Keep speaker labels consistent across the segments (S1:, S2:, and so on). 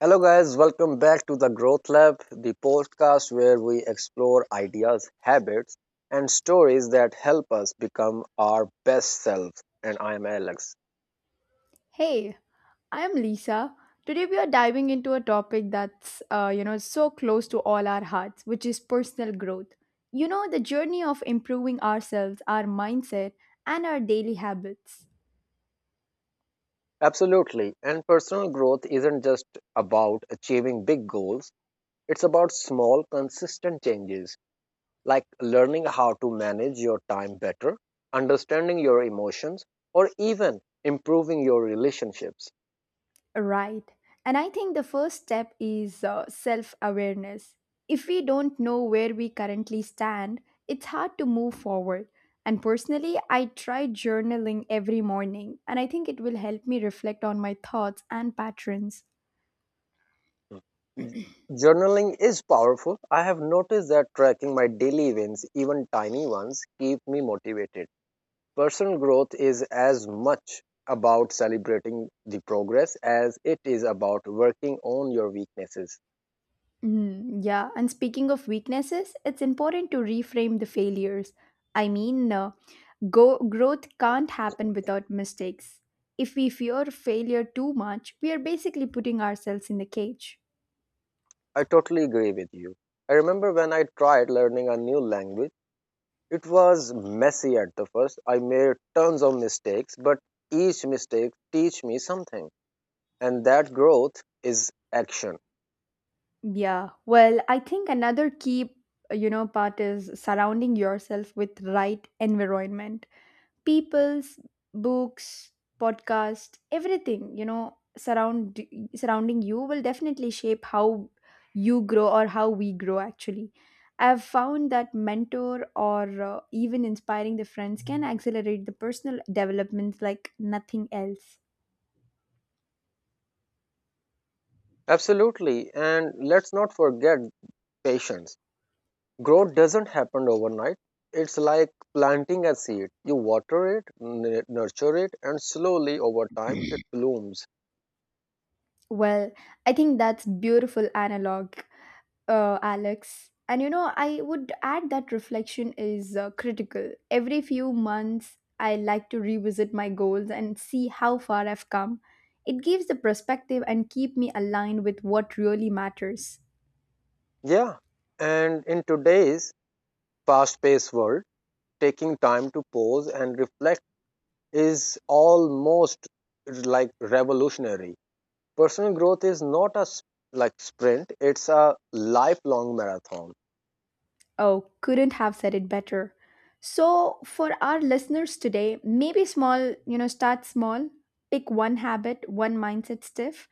S1: Hello, guys, welcome back to the Growth Lab, the podcast where we explore ideas, habits, and stories that help us become our best selves. And I am Alex.
S2: Hey, I'm Lisa. Today we are diving into a topic that's so close to all our hearts, which is personal growth. You know, the journey of improving ourselves, our mindset, and our daily habits.
S1: Absolutely. And personal growth isn't just about achieving big goals, it's about small, consistent changes like learning how to manage your time better, understanding your emotions, or even improving your relationships.
S2: Right. And I think the first step is self-awareness. If we don't know where we currently stand, it's hard to move forward. And personally, I try journaling every morning, and I think it will help me reflect on my thoughts and patterns.
S1: Journaling is powerful. I have noticed that tracking my daily events, even tiny ones, keep me motivated. Personal growth is as much about celebrating the progress as it is about working on your weaknesses.
S2: Yeah, and speaking of weaknesses, it's important to reframe the failures. I mean, uh, Growth can't happen without mistakes. If we fear failure too much, we are basically putting ourselves in the cage.
S1: I totally agree with you. I remember when I tried learning a new language, it was messy at the first. I made tons of mistakes, but each mistake teach me something. And that growth is action.
S2: Yeah, well, I think another key part is surrounding yourself with right environment. People's books, podcast, everything, you know, surrounding you will definitely shape how you grow, or how we grow actually. I've found that mentor, or even inspiring the friends, can accelerate the personal development like nothing else.
S1: Absolutely. And let's not forget patience. Growth doesn't happen overnight. It's like planting a seed. You water it, nurture it, and slowly over time it blooms.
S2: Well, I think that's beautiful analog, Alex. And you know, I would add that reflection is critical. Every few months, I like to revisit my goals and see how far I've come. It gives the perspective and keep me aligned with what really matters.
S1: Yeah. And in today's fast paced world, taking time to pause and reflect is almost like revolutionary. Personal growth is not a like sprint, it's a lifelong marathon.
S2: Oh, couldn't have said it better. So, for our listeners today, maybe start small, pick one habit, one mindset stiff,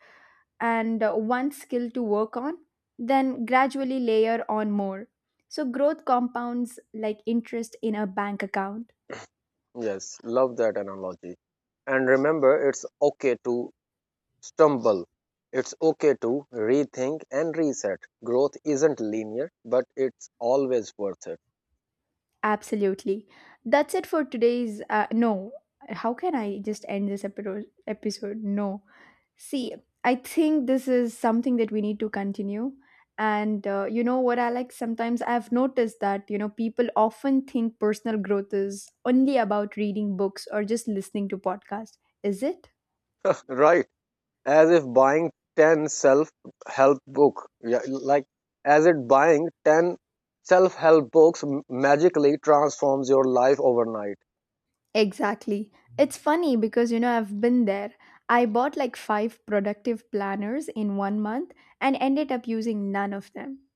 S2: and one skill to work on, then gradually layer on more. So, growth compounds like interest in a bank account.
S1: Yes, love that analogy. And remember, it's okay to stumble. It's okay to rethink and reset. Growth isn't linear, but it's always worth it.
S2: Absolutely. That's it for today's. No, how can I just end this episode? Episode? No. See, I think this is something that we need to continue. And you know what I like? Sometimes I've noticed that you know people often think personal growth is only about reading books or just listening to podcasts. Is it?
S1: Right. As if buying 10 self help book. Yeah, like as it buying 10 self help books magically transforms your life overnight.
S2: Exactly. It's funny because you know I've been there. I bought like 5 productive planners in 1 month and ended up using none of them.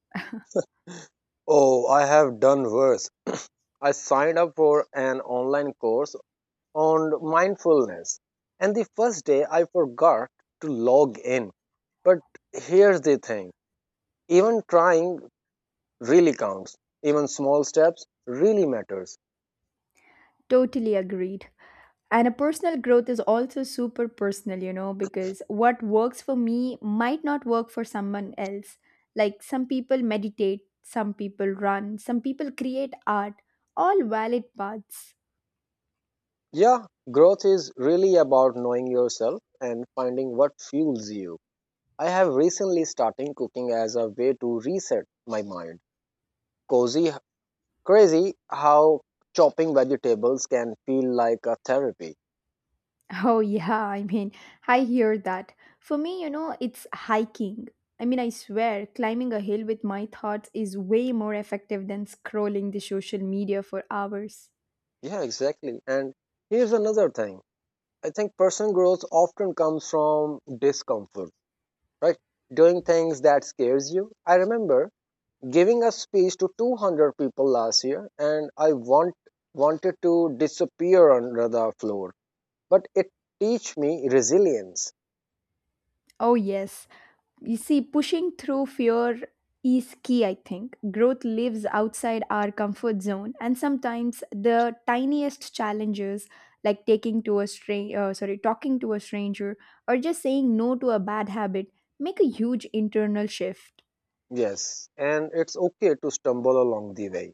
S1: Oh, I have done worse. I signed up for an online course on mindfulness. And the first day I forgot to log in. But here's the thing, even trying really counts, even small steps really matters.
S2: Totally agreed. And a personal growth is also super personal, you know, because what works for me might not work for someone else. Like some people meditate, some people run, some people create art, all valid paths.
S1: Yeah, growth is really about knowing yourself and finding what fuels you. I have recently started cooking as a way to reset my mind. Cozy, crazy how chopping vegetables can feel like a therapy.
S2: Oh, yeah. I mean, I hear that. For me, you know, it's hiking. I mean, I swear, climbing a hill with my thoughts is way more effective than scrolling the social media for hours.
S1: Yeah, exactly. And here's another thing, I think personal growth often comes from discomfort, right? Doing things that scares you. I remember giving a speech to 200 people last year and I wanted to disappear under the floor, but it teach me resilience.
S2: Oh, yes. You see, pushing through fear is key, I think. Growth lives outside our comfort zone, and sometimes the tiniest challenges, like taking to a stranger, sorry, talking to a stranger, or just saying no to a bad habit, make a huge internal shift.
S1: Yes, and it's okay to stumble along the way.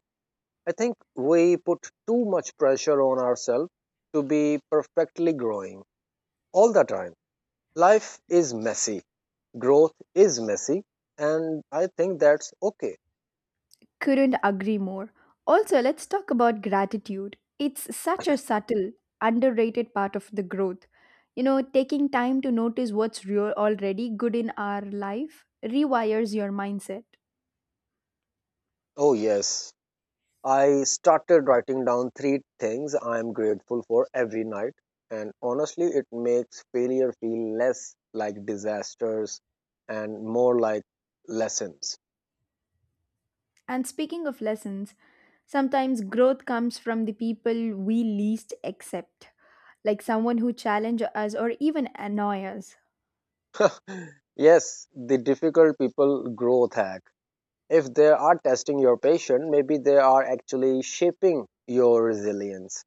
S1: I think we put too much pressure on ourselves to be perfectly growing all the time. Life is messy. Growth is messy, and I think that's okay.
S2: Couldn't agree more. Also, let's talk about gratitude. It's such a subtle, underrated part of the growth. You know, taking time to notice what's real already good in our life rewires your mindset.
S1: Oh, yes. I started writing down three things I'm grateful for every night, and honestly, it makes failure feel less like disasters and more like lessons.
S2: And speaking of lessons, sometimes growth comes from the people we least accept, like someone who challenge us or even annoy us.
S1: Yes, the difficult people growth hack. If they are testing your patience, maybe they are actually shaping your resilience.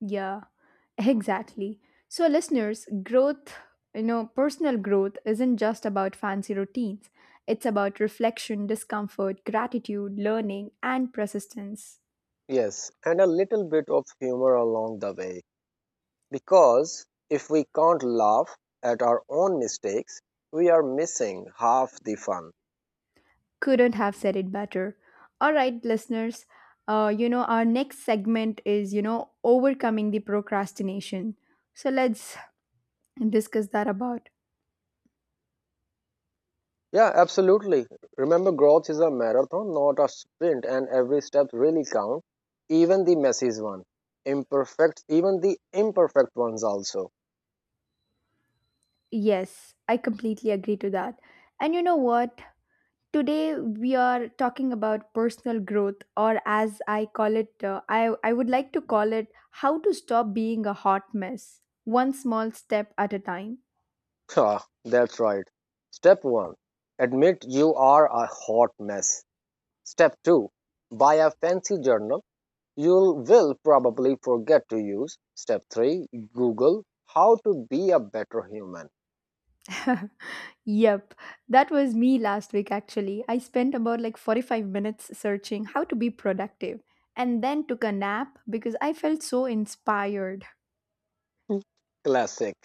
S2: Yeah, exactly. So listeners, personal growth isn't just about fancy routines. It's about reflection, discomfort, gratitude, learning, and persistence.
S1: Yes, and a little bit of humor along the way. Because if we can't laugh at our own mistakes, we are missing half the fun.
S2: Couldn't have said it better. All right, listeners, our next segment is, you know, overcoming the procrastination. So let's discuss that about.
S1: Yeah, absolutely. Remember, growth is a marathon, not a sprint, and every step really counts, even the messy one, imperfect, even the imperfect ones also.
S2: Yes, I completely agree to that. And you know what? Today we are talking about personal growth, or as I call it, I would like to call it how to stop being a hot mess, one small step at a time.
S1: Ah, that's right. Step one: admit you are a hot mess. Step two: buy a fancy journal. You will probably forget to use. Step 3: Google how to be a better human.
S2: Yep, that was me last week actually. I spent about like 45 minutes searching how to be productive and then took a nap because I felt so inspired.
S1: Classic.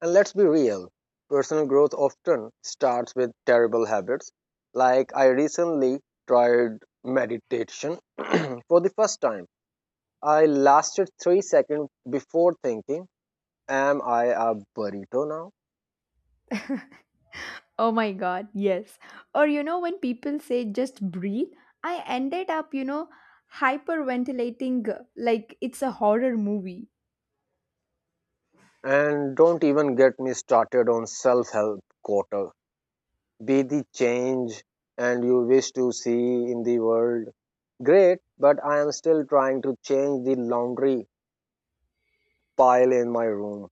S1: And let's be real, personal growth often starts with terrible habits. Like, I recently tried meditation for the first time. I lasted 3 seconds before thinking, "Am I a burrito now?"
S2: Oh my god, yes. Or you know, when people say just breathe, I ended up, you know, hyperventilating like it's a horror movie.
S1: And don't even get me started on self help. Be the change and you wish to see in the world. Great, but I am still trying to change the laundry pile in my room.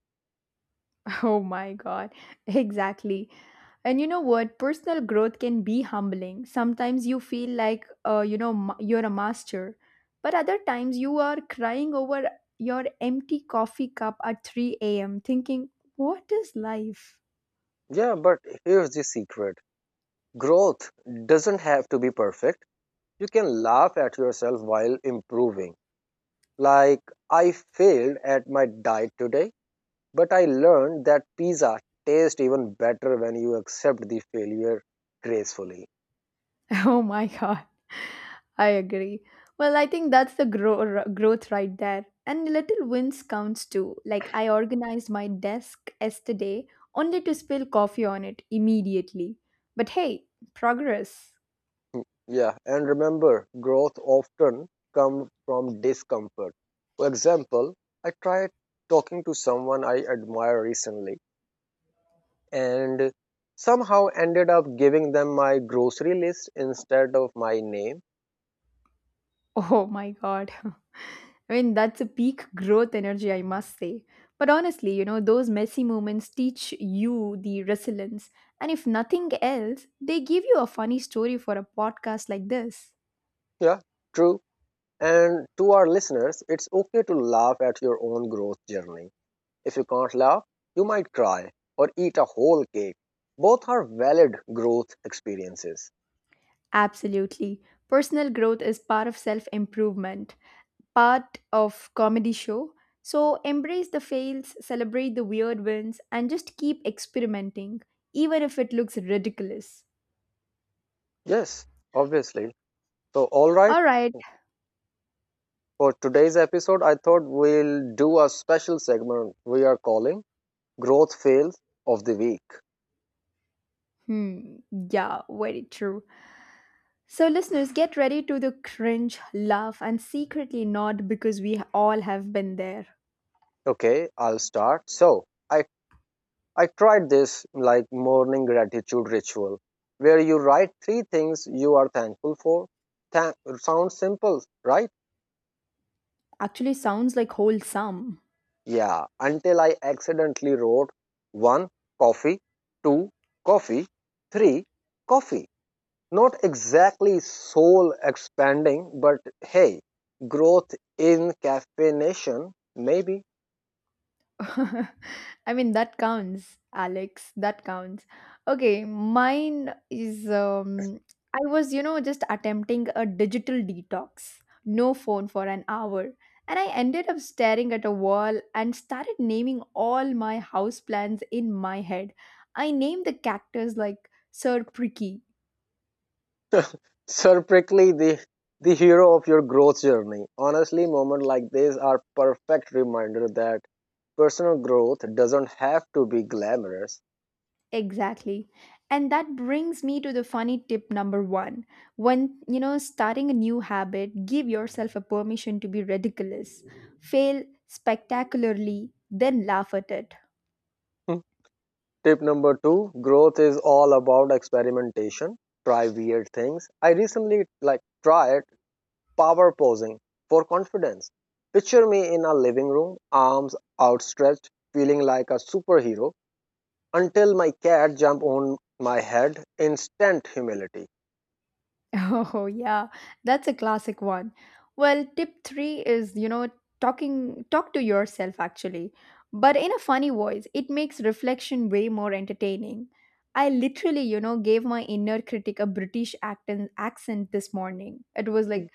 S2: Oh my God, exactly. And you know what? Personal growth can be humbling. Sometimes you feel like you're a master, but other times you are crying over your empty coffee cup at 3 a.m., thinking, what is life?
S1: Yeah, but here's the secret: growth doesn't have to be perfect. You can laugh at yourself while improving. Like, I failed at my diet today, but I learned that pizza tastes even better when you accept the failure gracefully.
S2: Oh my God. I agree. Well, I think that's the growth right there. And little wins counts too. Like, I organized my desk yesterday only to spill coffee on it immediately. But hey, progress.
S1: Yeah, and remember, growth often comes from discomfort. For example, I tried talking to someone I admire recently and somehow ended up giving them my grocery list instead of my name.
S2: Oh my God. I mean, that's a peak growth energy, I must say. But honestly, you know, those messy moments teach you the resilience. And if nothing else, they give you a funny story for a podcast like this.
S1: Yeah, true. And to our listeners, it's okay to laugh at your own growth journey. If you can't laugh, you might cry or eat a whole cake. Both are valid growth experiences.
S2: Absolutely. Personal growth is part of self improvement, part of comedy show. So embrace the fails, celebrate the weird wins, and just keep experimenting, even if it looks ridiculous.
S1: Yes, obviously. So, all right.
S2: All right.
S1: For today's episode, I thought we'll do a special segment we are calling Growth Fails of the Week.
S2: Hmm. Yeah, very true. So, listeners, get ready to the cringe, laugh, and secretly nod because we all have been there.
S1: Okay, I'll start. So, I, I tried this like morning gratitude ritual where you write three things you are thankful for. Sounds simple, right?
S2: Actually, sounds like wholesome.
S1: Yeah, until I accidentally wrote one coffee, two coffee, three coffee. Not exactly soul expanding, but hey, growth in caffeination, maybe.
S2: I mean, that counts, Alex. That counts. Okay, mine is I was, you know, just attempting a digital detox, no phone for an hour. And I ended up staring at a wall and started naming all my house plants in my head. I named the cactus like Sir Pricky.
S1: Surprisingly, the hero of your growth journey. Honestly, moments like these are perfect reminder that personal growth doesn't have to be glamorous.
S2: Exactly. And that brings me to the funny tip number one. When, you know, starting a new habit, give yourself a permission to be ridiculous, fail spectacularly, then laugh at it.
S1: Hmm. Tip number two: growth is all about experimentation. Try weird things. I recently like tried power posing for confidence. Picture me in a living room, arms outstretched, feeling like a superhero until my cat jump on my head. Instant humility.
S2: Oh, yeah, that's a classic one. Well, tip three is, you know, talk to yourself actually, but in a funny voice. It makes reflection way more entertaining. I literally, you know, gave my inner critic a British accent this morning. It was like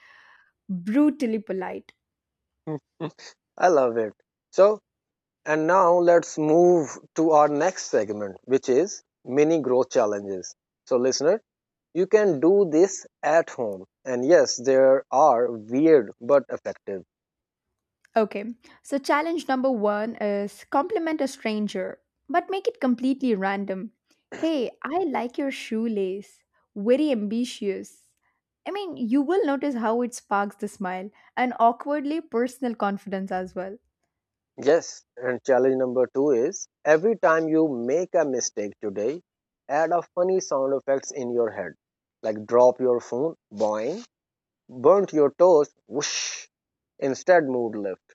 S2: brutally polite.
S1: I love it. So, and now let's move to our next segment, which is mini growth challenges. So, listener, you can do this at home. And yes, there are weird but effective.
S2: Okay, so challenge number one is compliment a stranger, but make it completely random. Hey, I like your shoelace. Very ambitious. I mean, you will notice how it sparks the smile and awkwardly personal confidence as well.
S1: Yes, and challenge number two is every time you make a mistake today, add a funny sound effects in your head, like drop your phone, boing, burnt your toes, whoosh, instead mood lift.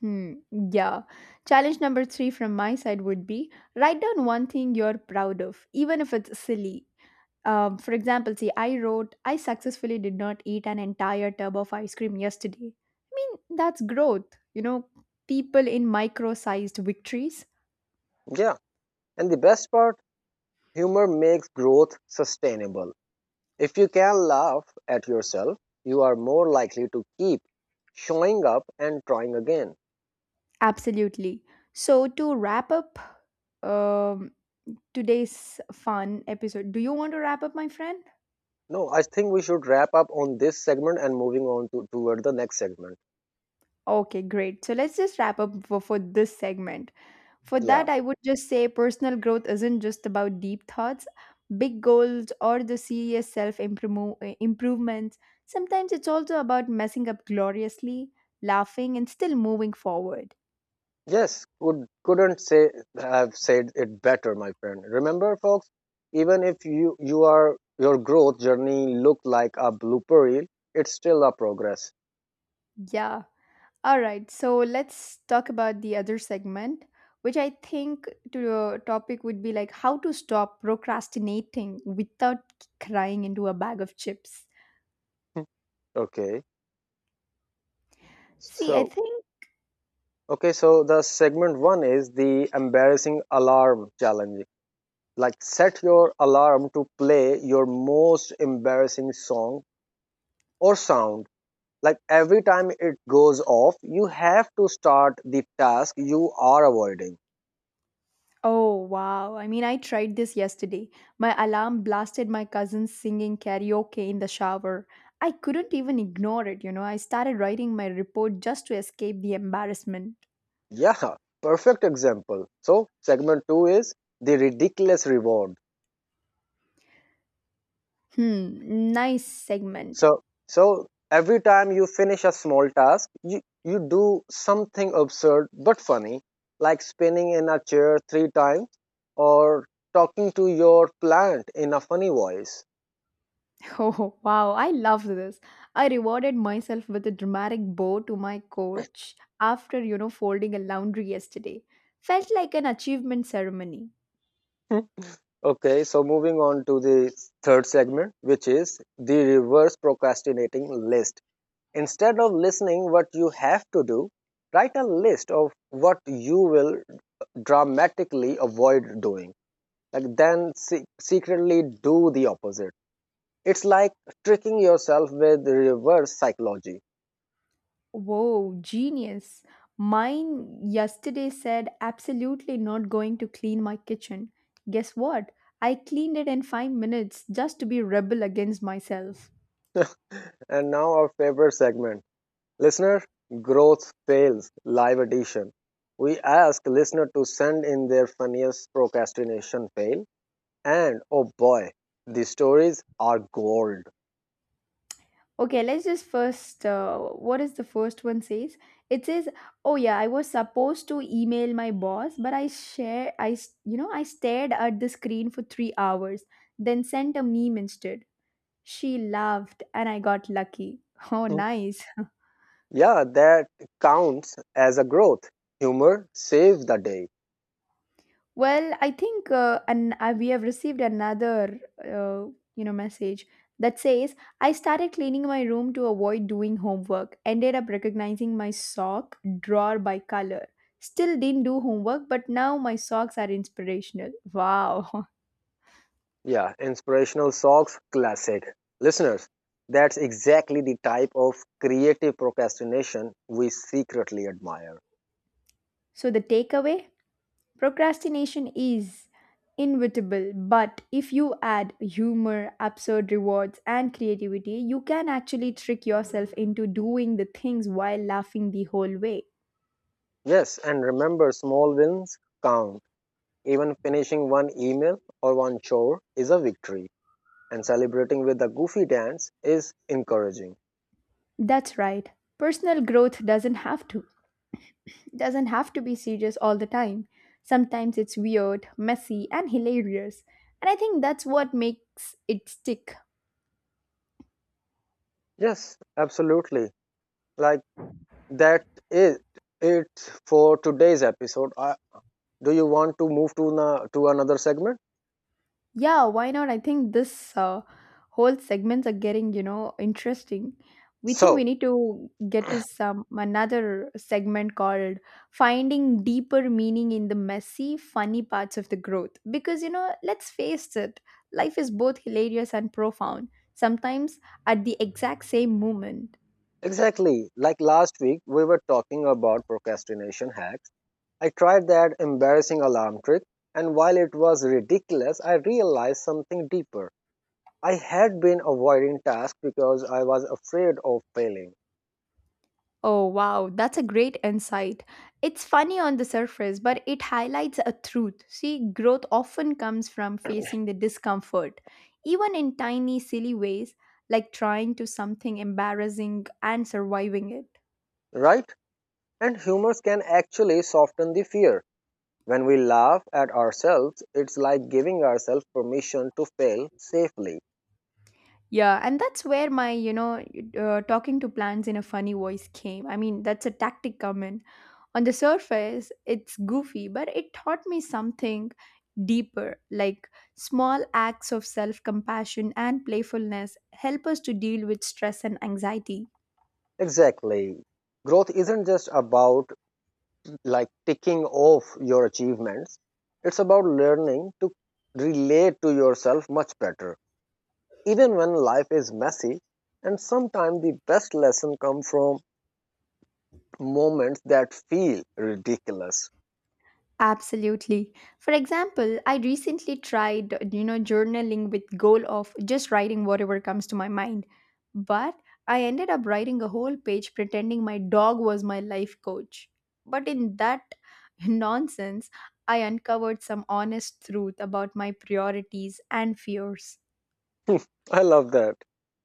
S2: Hmm, yeah. Challenge number three from my side would be write down one thing you're proud of, even if it's silly. For example, see, I wrote, I successfully did not eat an entire tub of ice cream yesterday. I mean, that's growth, you know, people in micro sized victories.
S1: Yeah, and the best part, humor makes growth sustainable. If you can laugh at yourself, you are more likely to keep showing up and trying again.
S2: Absolutely. So, to wrap up um, today's fun episode, do you want to wrap up, my friend?
S1: No, I think we should wrap up on this segment and moving on to toward the next segment.
S2: Okay, great. So, let's just wrap up for, this segment. For
S1: Yeah.
S2: that, I would just say personal growth isn't just about deep thoughts, big goals, or the serious self improvements. Sometimes it's also about messing up gloriously, laughing, and still moving forward.
S1: Yes, could couldn't say have said it better, my friend. Remember, folks, even if you are your growth journey look like a blooper reel, it's still a progress.
S2: Yeah. All right. So let's talk about the other segment, which I think to topic would be like how to stop procrastinating without crying into a bag of chips.
S1: Okay,
S2: See, I
S1: so
S2: think.
S1: okay, so the segment one is the embarrassing alarm challenge. Like, set your alarm to play your most embarrassing song or sound. Like every time it goes off, you have to start the task you are avoiding.
S2: Oh wow. I mean, I tried this yesterday. My alarm blasted my cousin singing karaoke in the shower. I couldn't even ignore it, you know. I started writing my report just to escape the embarrassment.
S1: Yeah, perfect example. So segment 2 is the ridiculous reward.
S2: Hmm, nice segment.
S1: So so every time you finish a small task, you do something absurd but funny, like spinning in a chair 3 times or talking to your plant in a funny voice.
S2: Oh, wow, I love this. I rewarded myself with a dramatic bow to my coach after, you know, folding a laundry yesterday. Felt like an achievement ceremony.
S1: Hmm. Okay, so moving on to the third segment, which is the reverse procrastinating list. Instead of listening what you have to do, write a list of what you will dramatically avoid doing, like then secretly do the opposite. It's like tricking yourself with reverse psychology.
S2: Whoa, genius. Mine yesterday said absolutely not going to clean my kitchen. Guess what? I cleaned it in 5 minutes just to be rebel against myself.
S1: And now our favorite segment, listener growth fails live edition. We ask listener to send in their funniest procrastination fail, and oh boy, the stories are gold.
S2: Okay, let's just first. What is the first one says? It says, "Oh yeah, I was supposed to email my boss, but I share. I s- you know I stared at the screen for 3 hours, then sent a meme instead. She laughed, and I got lucky." Oh,
S1: Hmm.
S2: nice.
S1: Yeah, that counts as a growth. Humor saves the day.
S2: Well, I think and we have received another you know message that says I started cleaning my room to avoid doing homework. Ended up recognizing my sock drawer by color. Still didn't do homework, but now my socks are inspirational. Wow.
S1: Yeah, inspirational socks, classic. Listeners, that's exactly the type of creative procrastination we secretly admire.
S2: So the takeaway: procrastination is inevitable, but if you add humor, absurd rewards, and creativity, you can actually trick yourself into doing the things while laughing the whole way.
S1: Yes, and remember, small wins count. Even finishing one email or one chore is a victory, and celebrating with a goofy dance is encouraging.
S2: That's right. Personal growth doesn't have to be serious all the time. Sometimes it's weird, messy, and hilarious. And I think that's what makes it stick.
S1: Yes, absolutely. Like, that is it for today's episode. Do you want to move to to another segment?
S2: Yeah, why not? I think this whole segments are getting, you know, interesting. We think we
S1: So,
S2: need to get to some another segment called finding deeper meaning in the messy, funny parts of the growth. Because, you know, let's face it, life is both hilarious and profound, sometimes at the exact same moment.
S1: exactly. Like last week, we were talking about procrastination hacks. I tried that embarrassing alarm trick, and while it was ridiculous, I realized something deeper. I had been avoiding tasks because I was afraid of failing,
S2: Oh, wow, that's a great insight. It's funny on the surface, but it highlights a truth. See, growth often comes from facing the discomfort, even in tiny, silly ways, like trying to something embarrassing and surviving it.
S1: right? And humors can actually soften the fear. When we laugh at ourselves, it's like giving ourselves permission to fail safely.
S2: Yeah, and that's where my, talking to plants in a funny voice came. I mean, that's a tactic come in. On the surface, it's goofy, but it taught me something deeper, like small acts of self compassion and playfulness help us to deal with stress and anxiety.
S1: Exactly. Growth isn't just about like ticking off your achievements. It's about learning to relate to yourself much better. Even when life is messy, and sometimes the best lesson come from moments that feel ridiculous.
S2: Absolutely. For example, I recently tried, journaling with goal of just writing whatever comes to my mind. But I ended up writing a whole page pretending my dog was my life coach. But in that nonsense, I uncovered some honest truth about my priorities and fears.
S1: I love that.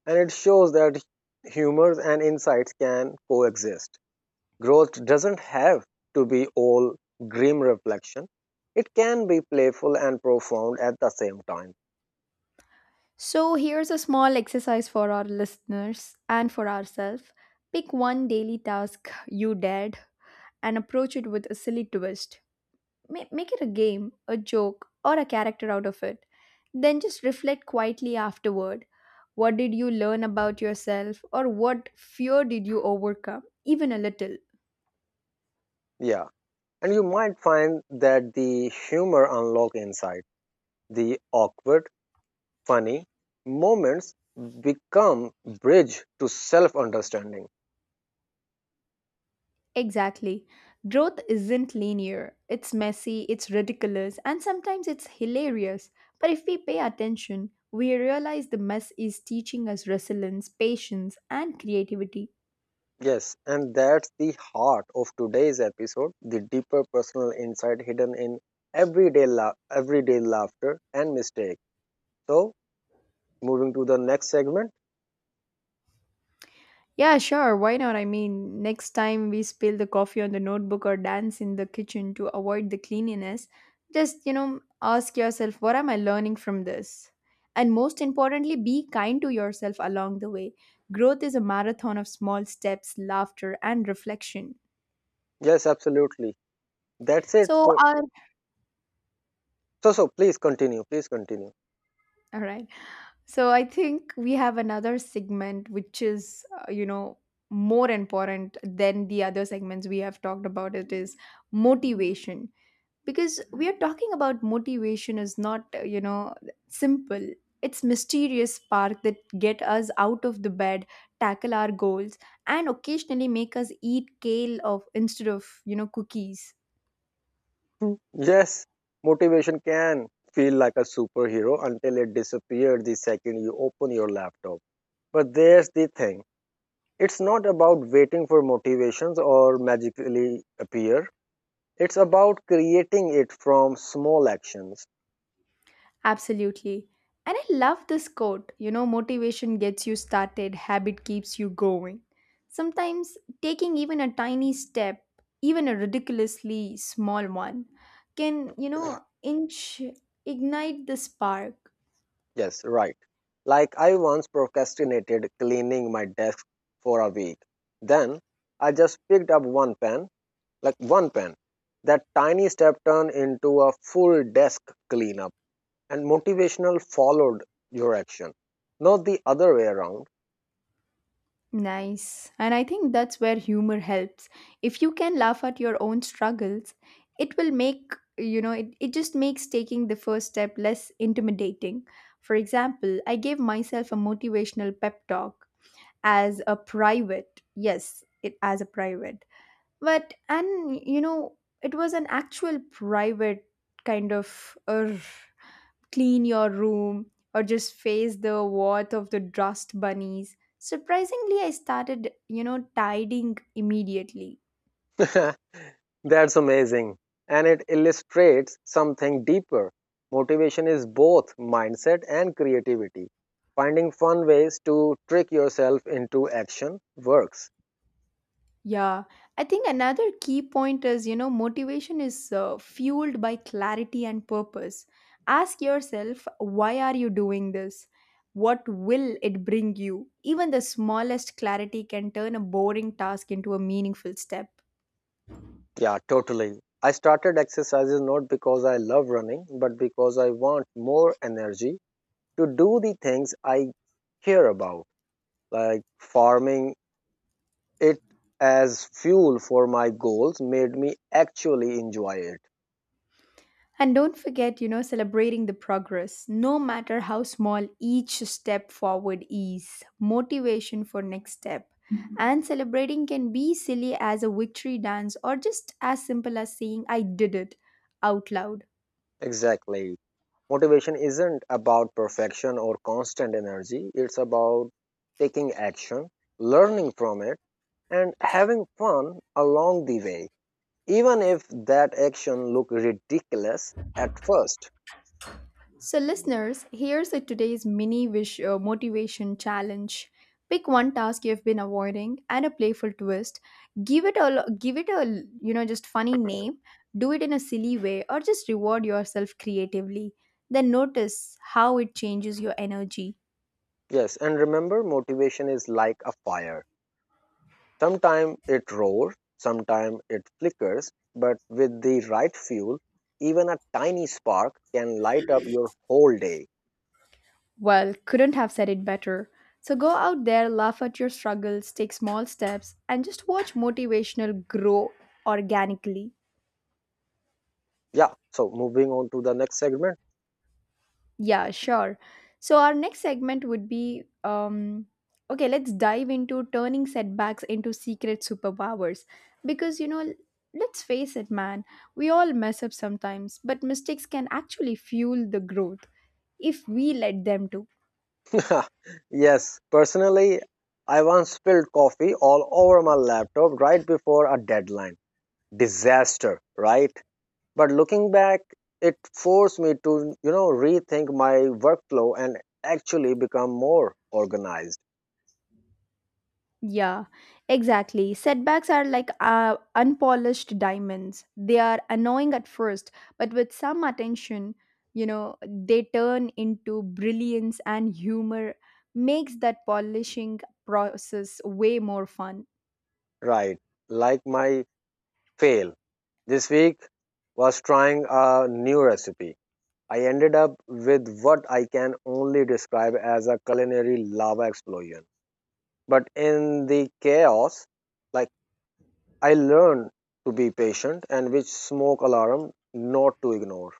S1: And it shows that humors and insights can coexist. Growth doesn't have to be all grim reflection. It can be playful and profound at the same time.
S2: So, here's a small exercise for our listeners and for ourselves. Pick one daily task you dared and approach it with a silly twist. Make it a game, a joke, or a character out of it. Then just reflect quietly afterward. What did you learn about yourself, or what fear did you overcome, even a little?
S1: Yeah, and you might find that the humor unlock inside. The awkward, funny moments become bridge to self-understanding.
S2: Exactly. Growth isn't linear. It's messy, it's ridiculous, and sometimes it's hilarious. But if we pay attention, we realize the mess is teaching us resilience, patience, and creativity.
S1: Yes, and that's the heart of today's episode, the deeper personal insight hidden in everyday everyday laughter and mistake. So, moving to the next segment,
S2: Yeah, sure. Why not? I mean, next time we spill the coffee on the notebook or dance in the kitchen to avoid the cleanliness, just, ask yourself, what am I learning from this? And most importantly, be kind to yourself along the way. Growth is a marathon of small steps, laughter, and reflection.
S1: yes, absolutely, that's it
S2: So,
S1: for,
S2: our,
S1: so please continue, please continue.
S2: all right. So, I think we have another segment which is, more important than the other segments we have talked about. It is motivation because we are talking about motivation is not simple, it's mysterious spark that get us out of the bed, tackle our goals, and occasionally make us eat kale of instead of cookies.
S1: Hmm. Yes, motivation can feel like a superhero until it disappears the second you open your laptop. But there's the thing, it's not about waiting for motivations or magically appear. It's about creating it from small actions.
S2: Absolutely, and I love this quote, motivation gets you started, habit keeps you going. Sometimes taking even a tiny step, even a ridiculously small one, can inch ignite the spark.
S1: Yes, right, like I once procrastinated cleaning my desk for a week, then I just picked up one pen, like one pen. That tiny step turned into a full desk cleanup, and motivational followed your action, not the other way around.
S2: Nice. And I think that's where humor helps. If you can laugh at your own struggles, it will make, it just makes taking the first step less intimidating. For example, I gave myself a motivational pep talk as a private. Yes, it as a private. But, and, you know, it was an actual private kind of. Urgh, clean your room, or just face the wrath of the dust bunnies. Surprisingly, I started, tidying immediately.
S1: That's amazing. And it illustrates something deeper. Motivation is both mindset and creativity. Finding fun ways to trick yourself into action works.
S2: Yeah, I think another key point is, motivation is fueled by clarity and purpose. Ask yourself, why are you doing this? What will it bring you? Even the smallest clarity can turn a boring task into a meaningful step.
S1: Yeah, totally. I started exercises not because I love running, but because I want more energy to do the things I care about. Like farming it as fuel for my goals made me actually enjoy it.
S2: And don't forget, celebrating the progress, no matter how small each step forward is, motivation for next step. Mhm. And celebrating can be silly as a victory dance or just as simple as saying, I did it out loud.
S1: Exactly. Motivation isn't about perfection or constant energy, it's about taking action, learning from it, and having fun along the way, even if that action look ridiculous at first.
S2: So, listeners, here's a today's mini wish motivation challenge. Pick one task you've been avoiding and a playful twist. Give it a just funny name. Do it in a silly way or just reward yourself creatively. Then notice how it changes your energy.
S1: Yes, and remember, motivation is like a fire. Sometimes it roars, sometimes it flickers, but with the right fuel, even a tiny spark can light up your whole day.
S2: Well, couldn't have said it better. So go out there, laugh at your struggles, take small steps, and just watch motivational grow organically.
S1: Yeah, so moving on to the next segment.
S2: Yeah, sure. So our next segment would be okay, let's dive into turning setbacks into secret superpowers because let's face it, man, we all mess up sometimes, but mistakes can actually fuel the growth if we let them to.
S1: Yes, personally, I once spilled coffee all over my laptop right before a deadline. Disaster, right? But looking back, it forced me to, you know, rethink my workflow and actually become more organized,
S2: Yeah, exactly. Setbacks are like unpolished diamonds. They are annoying at first, but with some attention, they turn into brilliance, and humor makes that polishing process way more fun.
S1: right? Like my fail this week was trying a new recipe. I ended up with what I can only describe as a culinary lava explosion. But in the chaos, like, I learned to be patient and which smoke alarm not to ignore.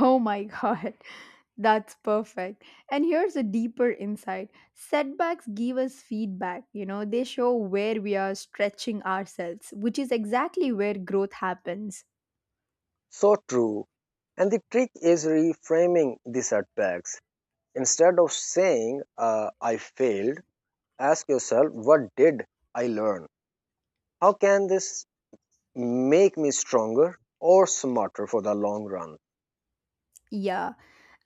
S2: Oh my god. That's perfect. And here's a deeper insight. Setbacks give us feedback, they show where we are stretching ourselves, which is exactly where growth happens.
S1: So true. And the trick is reframing the setbacks. Instead of saying, I failed, ask yourself, what did I learn? How can this make me stronger or smarter for the long run?
S2: Yeah.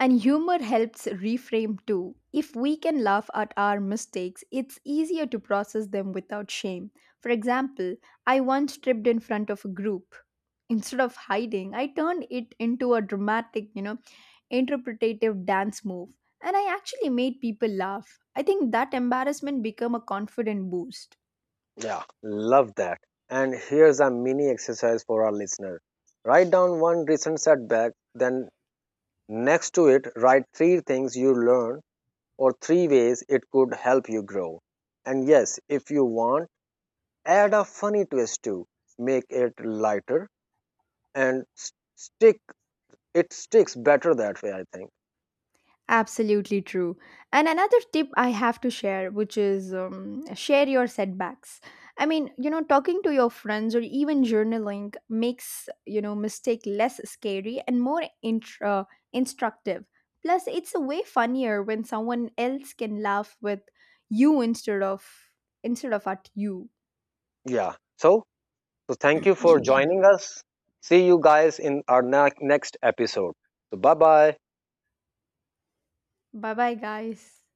S2: And humor helps reframe too. If we can laugh at our mistakes, it's easier to process them without shame. For example, I once tripped in front of a group. Instead of hiding, I turned it into a dramatic, interpretative dance move. And I actually made people laugh. I think that embarrassment became a confident boost.
S1: Yeah. Love that. And here's a mini exercise for our listener. Write down one recent setback, then next to it, write three things you learned or three ways it could help you grow. And yes, if you want, add a funny twist to make it lighter and s- stick it sticks better that way, I think.
S2: Absolutely true. And another tip I have to share, which is share your setbacks. I mean, talking to your friends or even journaling makes, mistake less scary and more instructive. Plus, it's a way funnier when someone else can laugh with you instead of at you.
S1: Yeah. So thank you for joining us. See you guys in our next episode. So, bye bye.
S2: Bye bye, guys.